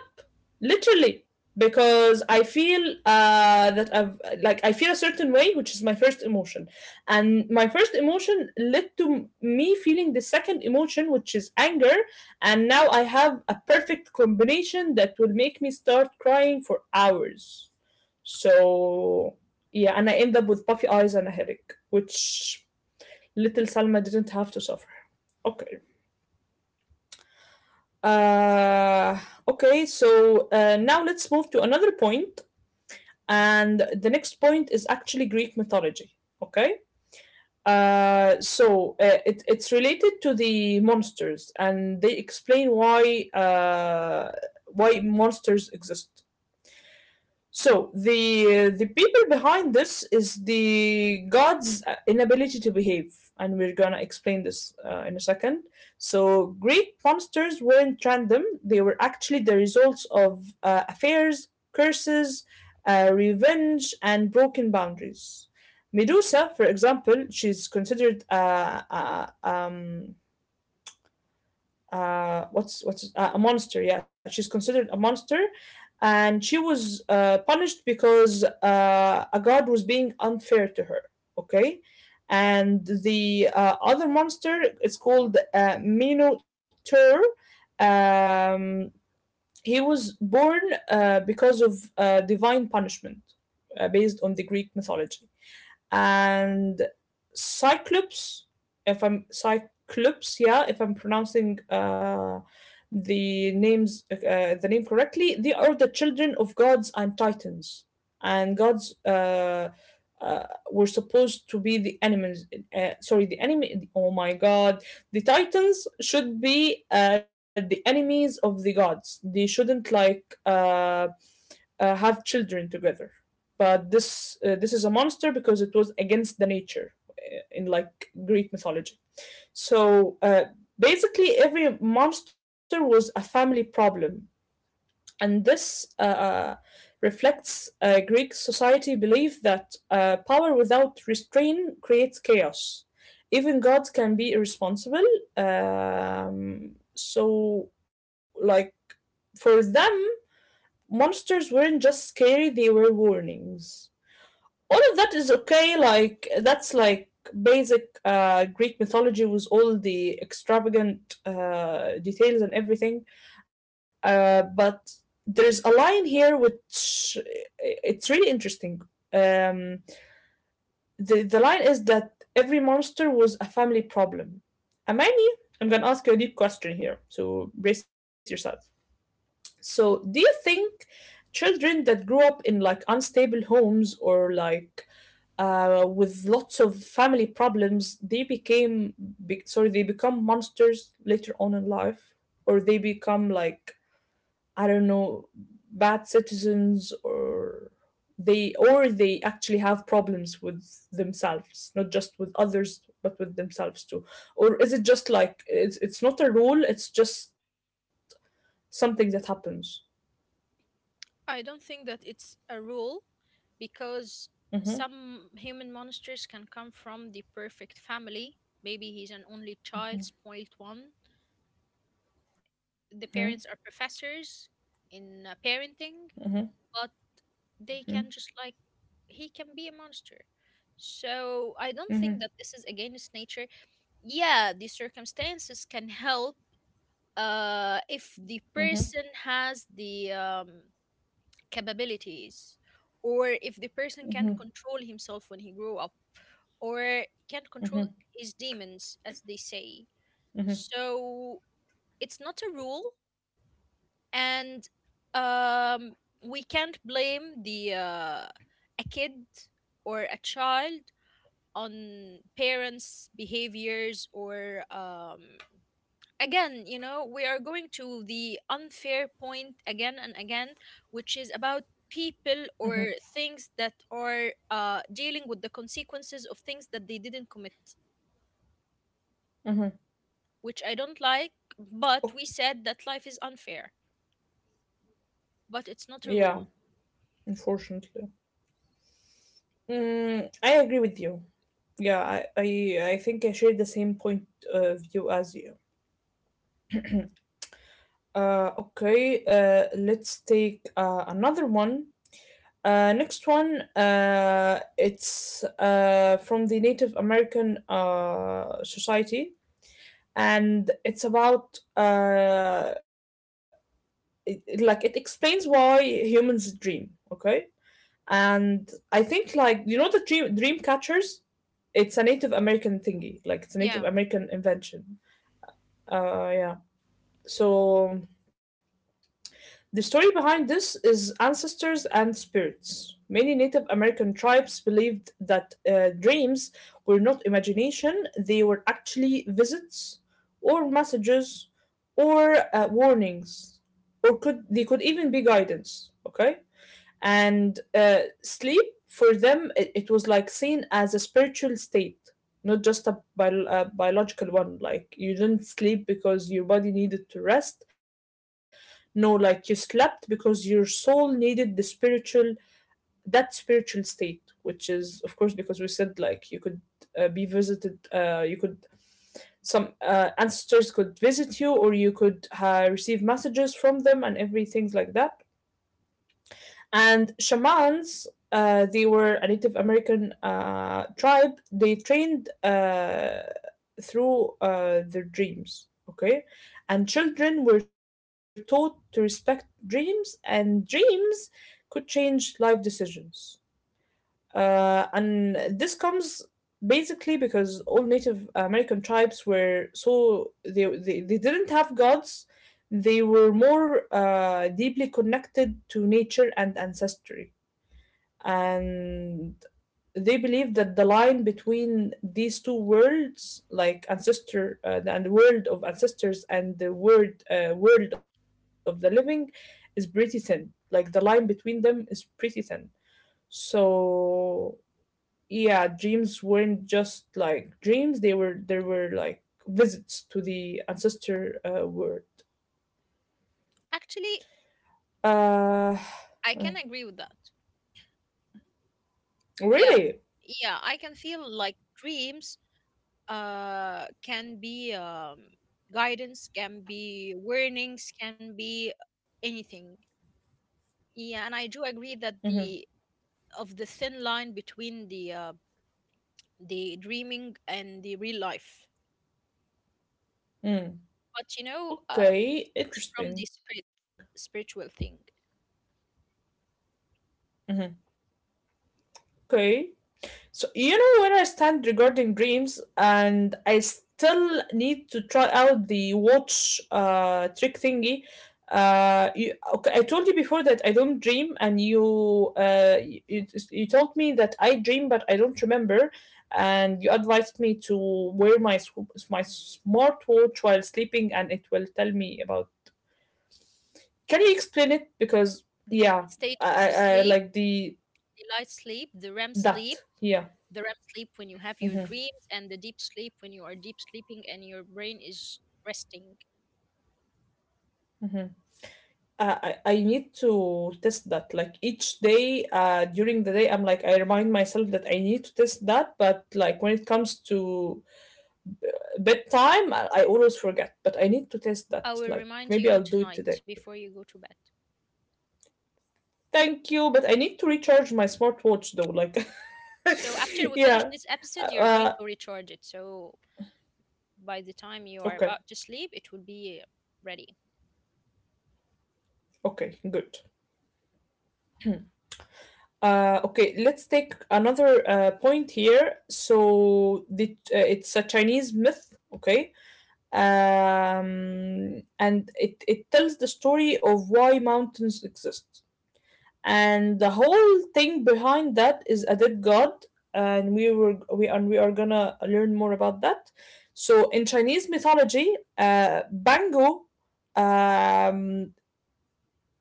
literally, because I feel uh, that I've like I feel a certain way, which is my first emotion, and my first emotion led to me feeling the second emotion, which is anger. And now I have a perfect combination that will make me start crying for hours. So yeah, and I end up with puffy eyes and a headache, which little Salma didn't have to suffer. Okay. uh okay, so uh, now let's move to another point. And the next point is actually Greek mythology. Okay. Uh, so uh, it, it's related to the monsters, and they explain why uh, why monsters exist. So the the people behind this is the God's uh, inability to behave, and we're gonna explain this uh, in a second. So Greek monsters weren't random; they were actually the results of uh, affairs, curses, uh, revenge, and broken boundaries. Medusa, for example, she's considered a, a, um, uh, what's what's uh, a monster. Yeah, she's considered a monster, and she was uh, punished because uh, a god was being unfair to her. Okay, and the uh, other monster is called uh, Minotaur. Um, he was born uh, because of uh, divine punishment uh, based on the Greek mythology. And Cyclops, if I'm Cyclops, yeah, if I'm pronouncing uh, the names uh, the name correctly, they are the children of gods and titans. And gods uh, uh, were supposed to be the enemies. Uh, sorry, the enemy. Oh my god, the titans should be uh, the enemies of the gods. They shouldn't like uh, uh, have children together, but this uh, this is a monster because it was against the nature, uh, in like Greek mythology. So uh, basically every monster was a family problem, and this uh, uh, reflects uh, Greek society belief that uh, power without restraint creates chaos. Even gods can be irresponsible. Um, so, like for them, monsters weren't just scary; they were warnings. All of that is okay. Like that's like basic uh, Greek mythology with all the extravagant uh, details and everything. Uh, but there's a line here which it's really interesting. Um, the the line is that every monster was a family problem. Amani, I'm gonna ask you a deep question here, so brace yourself. So, do you think children that grew up in like unstable homes, or like uh, with lots of family problems, they became be- sorry, they become monsters later on in life, or they become like, I don't know, bad citizens, or they or they actually have problems with themselves, not just with others, but with themselves too. Or is it just like it's it's not a rule, it's just something that happens.
I don't think that it's a rule because
Mm-hmm,
some human monsters can come from the perfect family. Maybe he's an only child, spoiled one.
mm-hmm,
The parents are professors in uh, parenting, but they can just like he can be a monster. So I don't think that this is against nature. Yeah, the circumstances can help uh, if
mm-hmm,
the person has the um, capabilities, or if the person can control himself when he grew up, or can control his demons, as they say. So it's not a rule and um, we can't blame the uh, a kid or a child on parents' behaviors or um, again, you know, we are going to the unfair point again and again, which is about people or things that are uh, dealing with the consequences of things that they didn't commit,
mm-hmm.
which I don't like. But
Oh,
we said that life is unfair, but
yeah,
it's not a rule.
unfortunately. Mm, I agree with you. Yeah, I, I, I think I share the same point of view as you. Uh, okay, uh, let's take uh, another one. Uh, next one, uh, it's uh, from the Native American uh, society, and it's about uh, it, it- like it explains why humans dream. Okay, and I think like, you know, the dream dream catchers. It's a Native American thingy, like it's a Native
Yeah.
American invention. Uh, yeah. So the story behind this is ancestors and spirits. Many Native American tribes believed that uh, dreams were not imagination, they were actually visits, or messages, or uh, warnings, or could they could even be guidance. Okay, and uh, sleep for them, it, it was like seen as a spiritual state, not just a bio- a biological one. Like, you didn't sleep because your body needed to rest, no, like you slept because your soul needed the spiritual that spiritual state, which is, of course, because we said like you could uh, be visited. Uh, you could Some uh, ancestors could visit you, or you could uh, receive messages from them and everything like that. And shamans, uh, they were a Native American uh, tribe. They trained uh, through uh, their dreams, okay? And children were taught to respect dreams, and dreams could change life decisions. Uh, and this comes basically because all Native American tribes were so they they, they didn't have gods. They were more uh, deeply connected to nature and ancestry, and they believe that the line between these two worlds, like ancestor uh, and the world of ancestors and the world uh, world of the living, is pretty thin. Like, the line between them is pretty thin. So yeah, dreams weren't just like dreams, they were there were like visits to the ancestor uh, world.
Actually,
uh
I can
mm,
agree with that. Yeah.
Really?
Yeah, I can feel like dreams uh can be um guidance, can be warnings, can be anything. Yeah, and I do agree that
Mm-hmm.
the of the thin line between the uh the dreaming and the real life.
Mm.
But you know, um
Okay,
from the
interesting.
spirit spiritual thing.
Mm-hmm. Okay. So, you know where I stand regarding dreams, and I still need to try out the watch uh trick thingy. Uh, you, okay, I told you before that I don't dream, and you uh you, you you told me that I dream, but I don't remember, and you advised me to wear my sw- my smartwatch while sleeping, and it will tell me about. Can you explain it? Because
The three
yeah,
stages
I
of
I, I
sleep,
like the
the light sleep, the REM sleep,
that, yeah.
the REM sleep when you have your
Mhm.
dreams, and the deep sleep when you are deep sleeping and your brain is resting.
Uh, I, I need to test that. Like, each day, uh, during the day, I'm like, I remind myself that I need to test that. But like, when it comes to bedtime, I, I always forget. But I need to test
I
that.
will
Like,
remind
maybe
you
I'll do it
tonight
today.
before you go to bed.
Thank you. But I need to recharge my smartwatch though. Like,
So after we finish
yeah.
this
Uh,
episode, you're going
uh,
to recharge it. So by the time you are
okay.
about to sleep, it will be ready.
Okay. Good. Uh, okay, let's take another uh, point here. So the, uh, it's a Chinese myth, okay? Um, and it, it tells the story of why mountains exist. And the whole thing behind that is a dead god, and we were we and we are gonna learn more about that. So in Chinese mythology, uh, Bangu, um,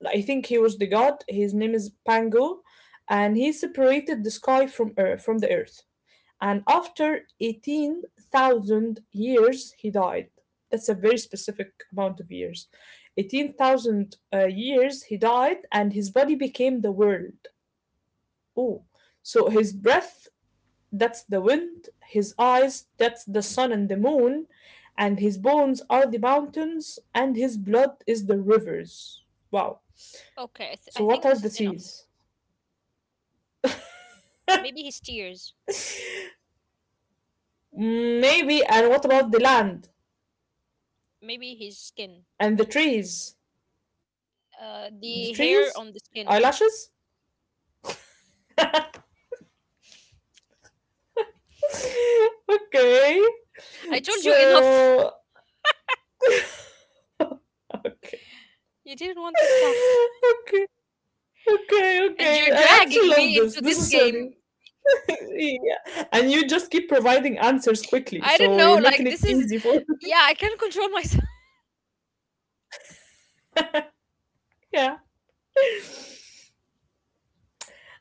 I think he was the god. His name is Pangu, and he separated the sky from earth, from the earth, and after eighteen thousand years he died. That's a very specific amount of years. eighteen thousand uh, years, he died and his body became the world. Oh, so his breath, that's the wind, his eyes, that's the sun and the moon, and his bones are the mountains and his blood is the rivers. Wow.
Okay, I, th-
So
I
what
think
are
this
the
is enough.
seas?
Maybe his tears,
Maybe. And what about the land
maybe his skin,
and the trees? The
uh,
trees?
the hair on the
Eyelashes?
skin.
Okay.
I told you enough.
So okay.
You didn't want to stop.
Okay. Okay,
And
okay.
you're
I actually
dragging
love
me
this.
into
This
this
is
game.
funny. Yeah. And you just keep providing answers quickly.
I don't
So you're
know.
making
Like
it
this is,
easy for.
yeah, I can't control myself.
Yeah.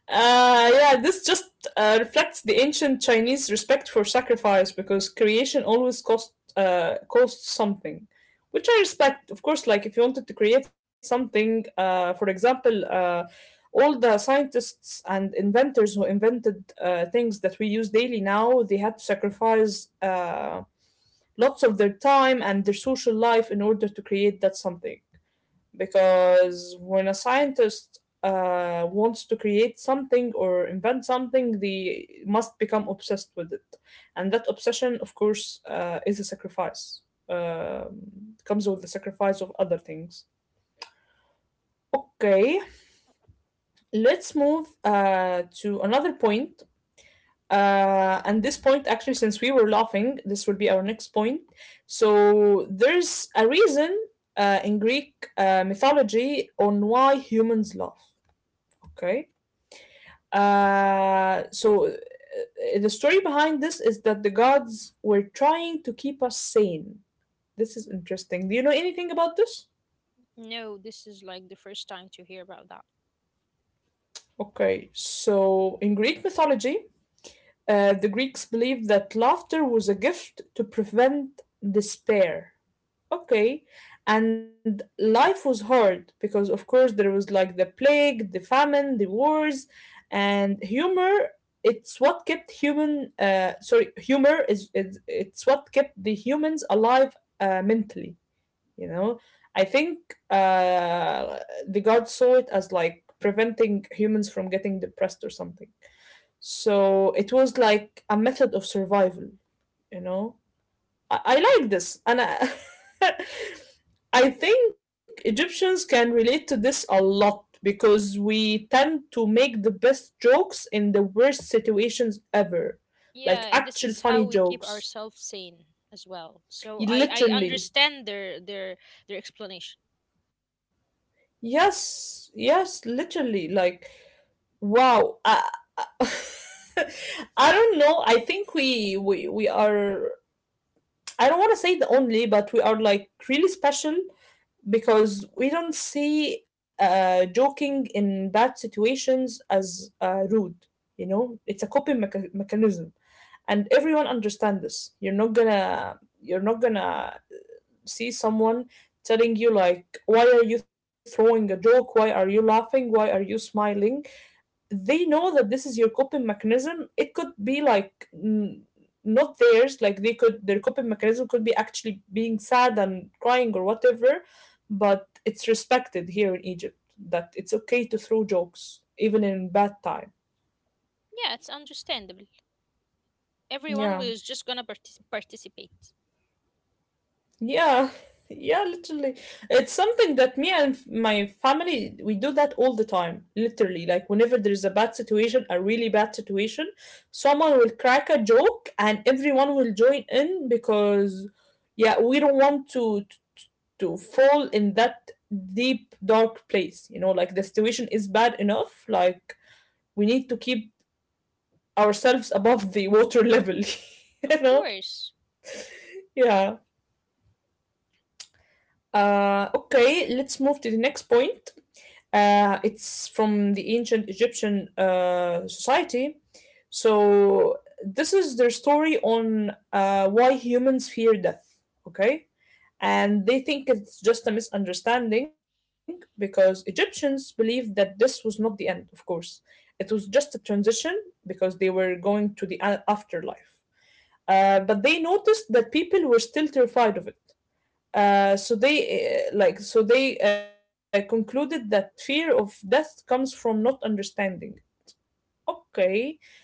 Uh, yeah, this just uh, reflects the ancient Chinese respect for sacrifice because creation always cost uh, costs something, which I respect. Of course, like if you wanted to create something, uh, for example, uh, all the scientists and inventors who invented uh, things that we use daily now, they had to sacrifice uh, lots of their time and their social life in order to create that something, because when a scientist uh, wants to create something or invent something, they must become obsessed with it. And that obsession, of course, uh, is a sacrifice. Um comes with the sacrifice of other things. Okay, let's move uh, to another point. Uh, and this point, actually, since we were laughing, this will be our next point. So there's a reason uh, in Greek uh, mythology on why humans laugh. Okay. Uh, so uh, the story behind this is that the gods were trying to keep us sane. This is interesting. Do you know anything about this?
No, this is like the first time to hear about that.
Okay. So in Greek mythology, uh, the Greeks believed that laughter was a gift to prevent despair. Okay. And life was hard because, of course, there was like the plague, the famine, the wars, and humor. It's what kept human. Uh, sorry, humor is, is it's what kept the humans alive uh, mentally. You know, I think uh, the gods saw it as like preventing humans from getting depressed or something. So it was like a method of survival. You know, I, I like this, and I. I think Egyptians can relate to this a lot because we tend to make the best jokes in the worst situations ever. Like,
Yeah, this
actual
is how
funny
we keep
jokes.
ourselves sane as well. So I I
Literally.
understand their their their explanation.
Yes, yes, literally. Like, wow. I, I I don't know. I think we we we are, I don't want to say the only, but we are like really special because we don't see uh, joking in bad situations as uh, rude. You know, it's a coping mecha- mechanism, and everyone understands this. You're not gonna, you're not gonna see someone telling you like, "Why are you throwing a joke? Why are you laughing? Why are you smiling?" They know that this is your coping mechanism. It could be like n- not theirs. Like, they could, their coping mechanism could be actually being sad and crying or whatever, but it's respected here in Egypt that it's okay to throw jokes even in bad time.
Yeah, it's understandable. Everyone
Yeah.
was just gonna partic participate.
Yeah, yeah, literally. It's something that me and f- my family, we do that all the time, literally. Like, whenever there's a bad situation, a really bad situation, someone will crack a joke and everyone will join in because, yeah, we don't want to to to fall in that deep dark place, you know? Like, the situation is bad enough. Like, we need to keep ourselves above the water level, you
Of
know?
course.
Yeah. Uh, okay, let's move to the next point. Uh, it's from the ancient Egyptian uh, society. So, this is their story on uh, why humans fear death, okay? And they think it's just a misunderstanding because Egyptians believed that this was not the end, of course. It was just a transition because they were going to the a- afterlife. Uh, but they noticed that people were still terrified of it. Uh, so they uh, like so they uh, concluded that fear of death comes from not understanding. Okay,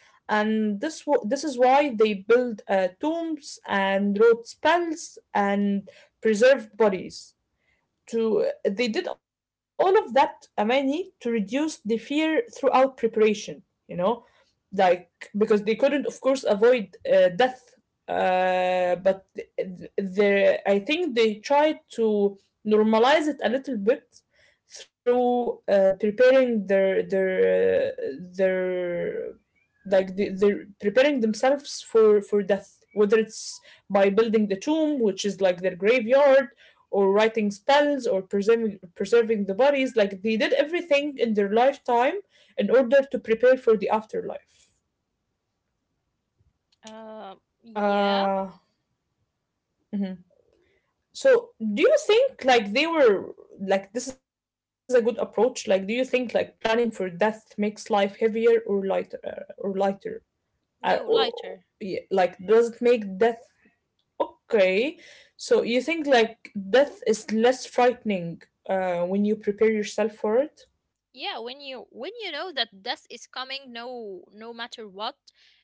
and this wa- this is why they built uh, tombs and wrote spells and preserved bodies. To They did all of that, Amani, to reduce the fear throughout preparation. You know, like, because they couldn't, of course, avoid uh, death, uh, but there I think they tried to normalize it a little bit through uh, preparing their their uh, their like the, they're preparing themselves for for death, whether it's by building the tomb, which is like their graveyard, or writing spells or preserving preserving the bodies. Like, they did everything in their lifetime in order to prepare for the afterlife.
Uh, yeah.
Uh, mhm. So, do you think like they were, like this is a good approach? Like, do you think like planning for death makes life heavier or lighter uh, or lighter? Uh,
No,
or
lighter.
yeah, like, does it make death okay? So, you think like death is less frightening uh, when you prepare yourself for it?
Yeah, when you when you know that death is coming, no no matter what,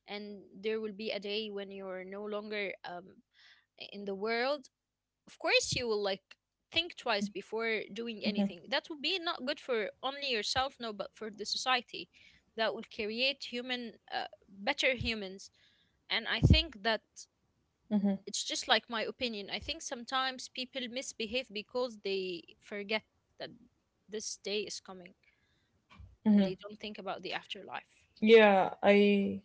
and there will be a day when you're no longer um in the world, of course you will like think twice before doing anything. That would
Mhm,
be not good for only yourself, no, but for the society. That will create human, uh, better humans. And I think that
mhm,
it's just like my opinion. I think sometimes people misbehave because they forget that this day is coming and
mhm.
they don't think about the afterlife.
Yeah, I.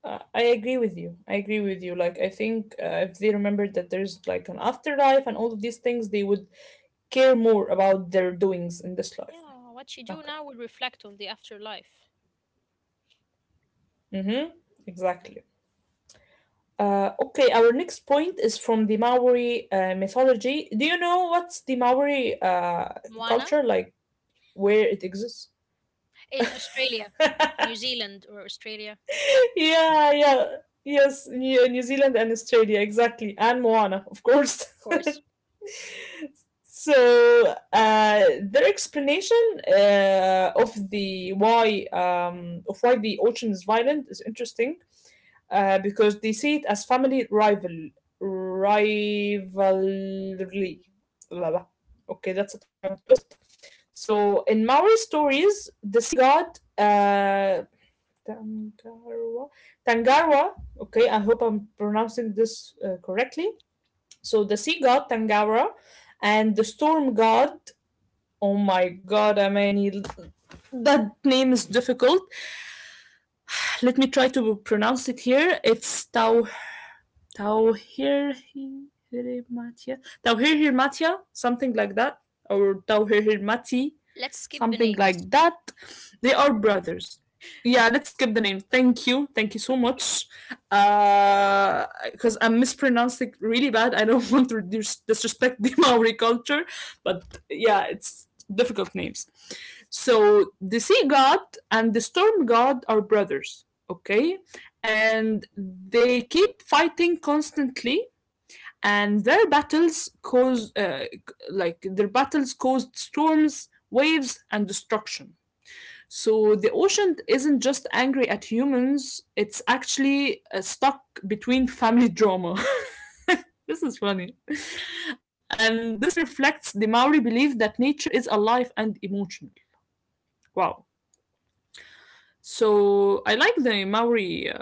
Uh, I agree with you. I agree with you. Like, I think uh, if they remembered that there's like an afterlife and all of these things, they would care more about their doings in this life.
Yeah, what you do
Okay.
now will reflect on the afterlife.
Mm-hmm. Exactly. Uh, okay, our next point is from the Maori uh, mythology. Do you know what's the Maori uh,
Moana.
culture like? Where it exists?
In Australia,
Yeah,
New Zealand or Australia, of
yeah. Yes, New, New Zealand and Australia, exactly. And Moana, of course.
course.
so uh, their explanation uh, of the why um, of why the ocean is violent is interesting uh, because they see it as family rival rivalry. Blah, blah. Okay, that's a tongue twist. So in Maori stories, the sea god uh, Tangarwa, Tangarwa. Okay, I hope I'm pronouncing this uh, correctly. So the sea god Tangara and the storm god. Oh my god, I mean, that name is difficult. Let me try to pronounce it here. It's Tau Tauhirhirmatya, Tauhirhirmatya, something like that, or Tauhirhirmati,
Let's skip the
something
names.
like that. They are brothers. Yeah, let's skip the name. Thank you, thank you so much. Uh, Because I'm mispronouncing really bad. I don't want to disrespect the Maori culture, but yeah, it's difficult names. So the sea god and the storm god are brothers. Okay, and they keep fighting constantly and their battles cause uh, like their battles caused storms, waves and destruction, so the ocean isn't just angry at humans, it's actually uh, stuck between family drama. This is funny, and this reflects the Maori belief that nature is alive and emotional. Wow. So I like the Maori uh,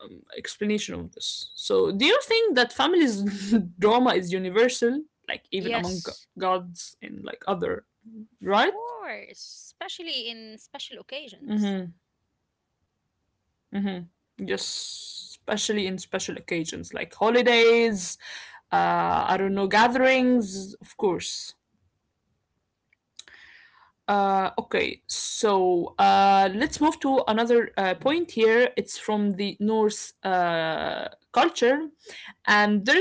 um, explanation of this. So, do you think that family's drama is universal, like even among
Yes,
go- gods and like other,
of
right?
course, especially in special occasions.
Mm-hmm. Mm-hmm. Just especially in special occasions like holidays, uh, I don't know, gatherings, of course. Uh, okay, so uh, let's move to another uh, point here. It's from the Norse uh, culture,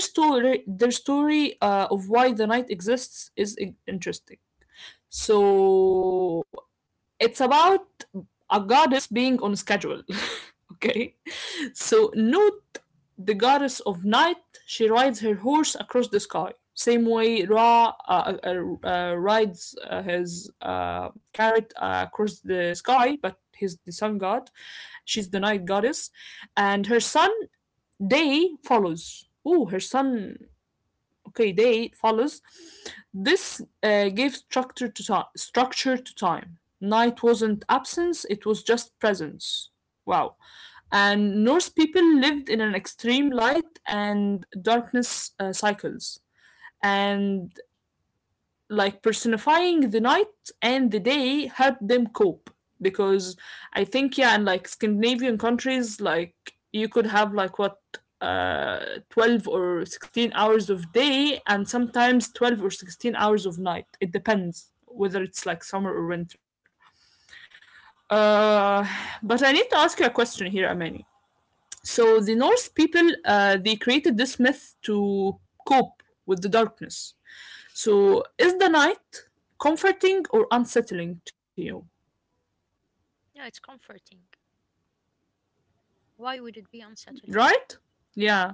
and their story, their story uh, of why the night exists is i- interesting. So it's about a goddess being on schedule. Okay? So note the goddess of night, she rides her horse across the sky. Same way Ra uh, uh, uh, rides uh, his uh, carrot uh, across the sky, but he's the sun god. She's the night goddess. And her son, Day, follows. Oh, her son, okay, day eight follows this. Uh, gave structure to time structure to time. Night wasn't absence, it was just presence. Wow. And Norse people lived in an extreme light and darkness uh, cycles, and like personifying the night and the day helped them cope. Because I think yeah, in like Scandinavian countries, like you could have like what, uh, twelve or sixteen hours of day and sometimes twelve or sixteen hours of night. It depends whether it's like summer or winter. Uh, but I need to ask you a question here, Amani. So the Norse people, uh, they created this myth to cope with the darkness. So, is the night comforting or unsettling to you?
No, it's comforting. Why would it be unsettling?
Right? Yeah.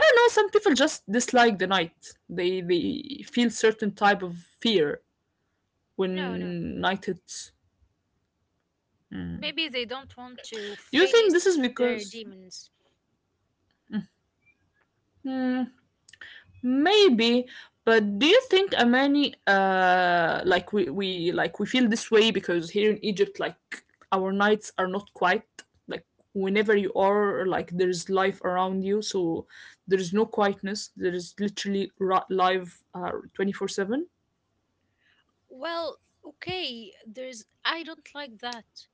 I don't know, some people just dislike the night. They they feel certain type of fear
No, no.
when night hits.
Maybe they don't want to
Do you think this is
face their
because,
demons.
hmm, maybe, but do you think, Amani, uh, like we, we like we feel this way because here in Egypt, like our nights are not quite like, whenever you are, like there's life around you, so there's no quietness. There is literally ra- live, uh, twenty four seven.
Well, okay, there's. I don't like that.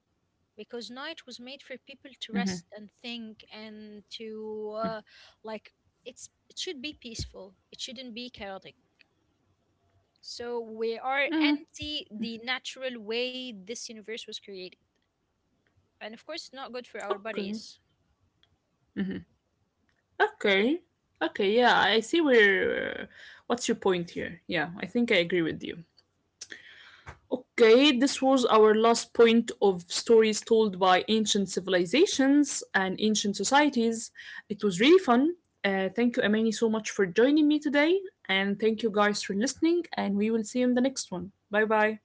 Because night was made for people to rest and think and to uh, like it's it should be peaceful, it shouldn't be chaotic. So we are anti the natural way this universe was created, and of course it's not good for our
Okay,
bodies.
okay, okay. Yeah, I see where. What's your point here? Yeah, I think I agree with you. Okay, this was our last point of stories told by ancient civilizations and ancient societies. It was really fun. Uh, thank you, Amani, so much for joining me today. And thank you guys for listening. And we will see you in the next one. Bye bye.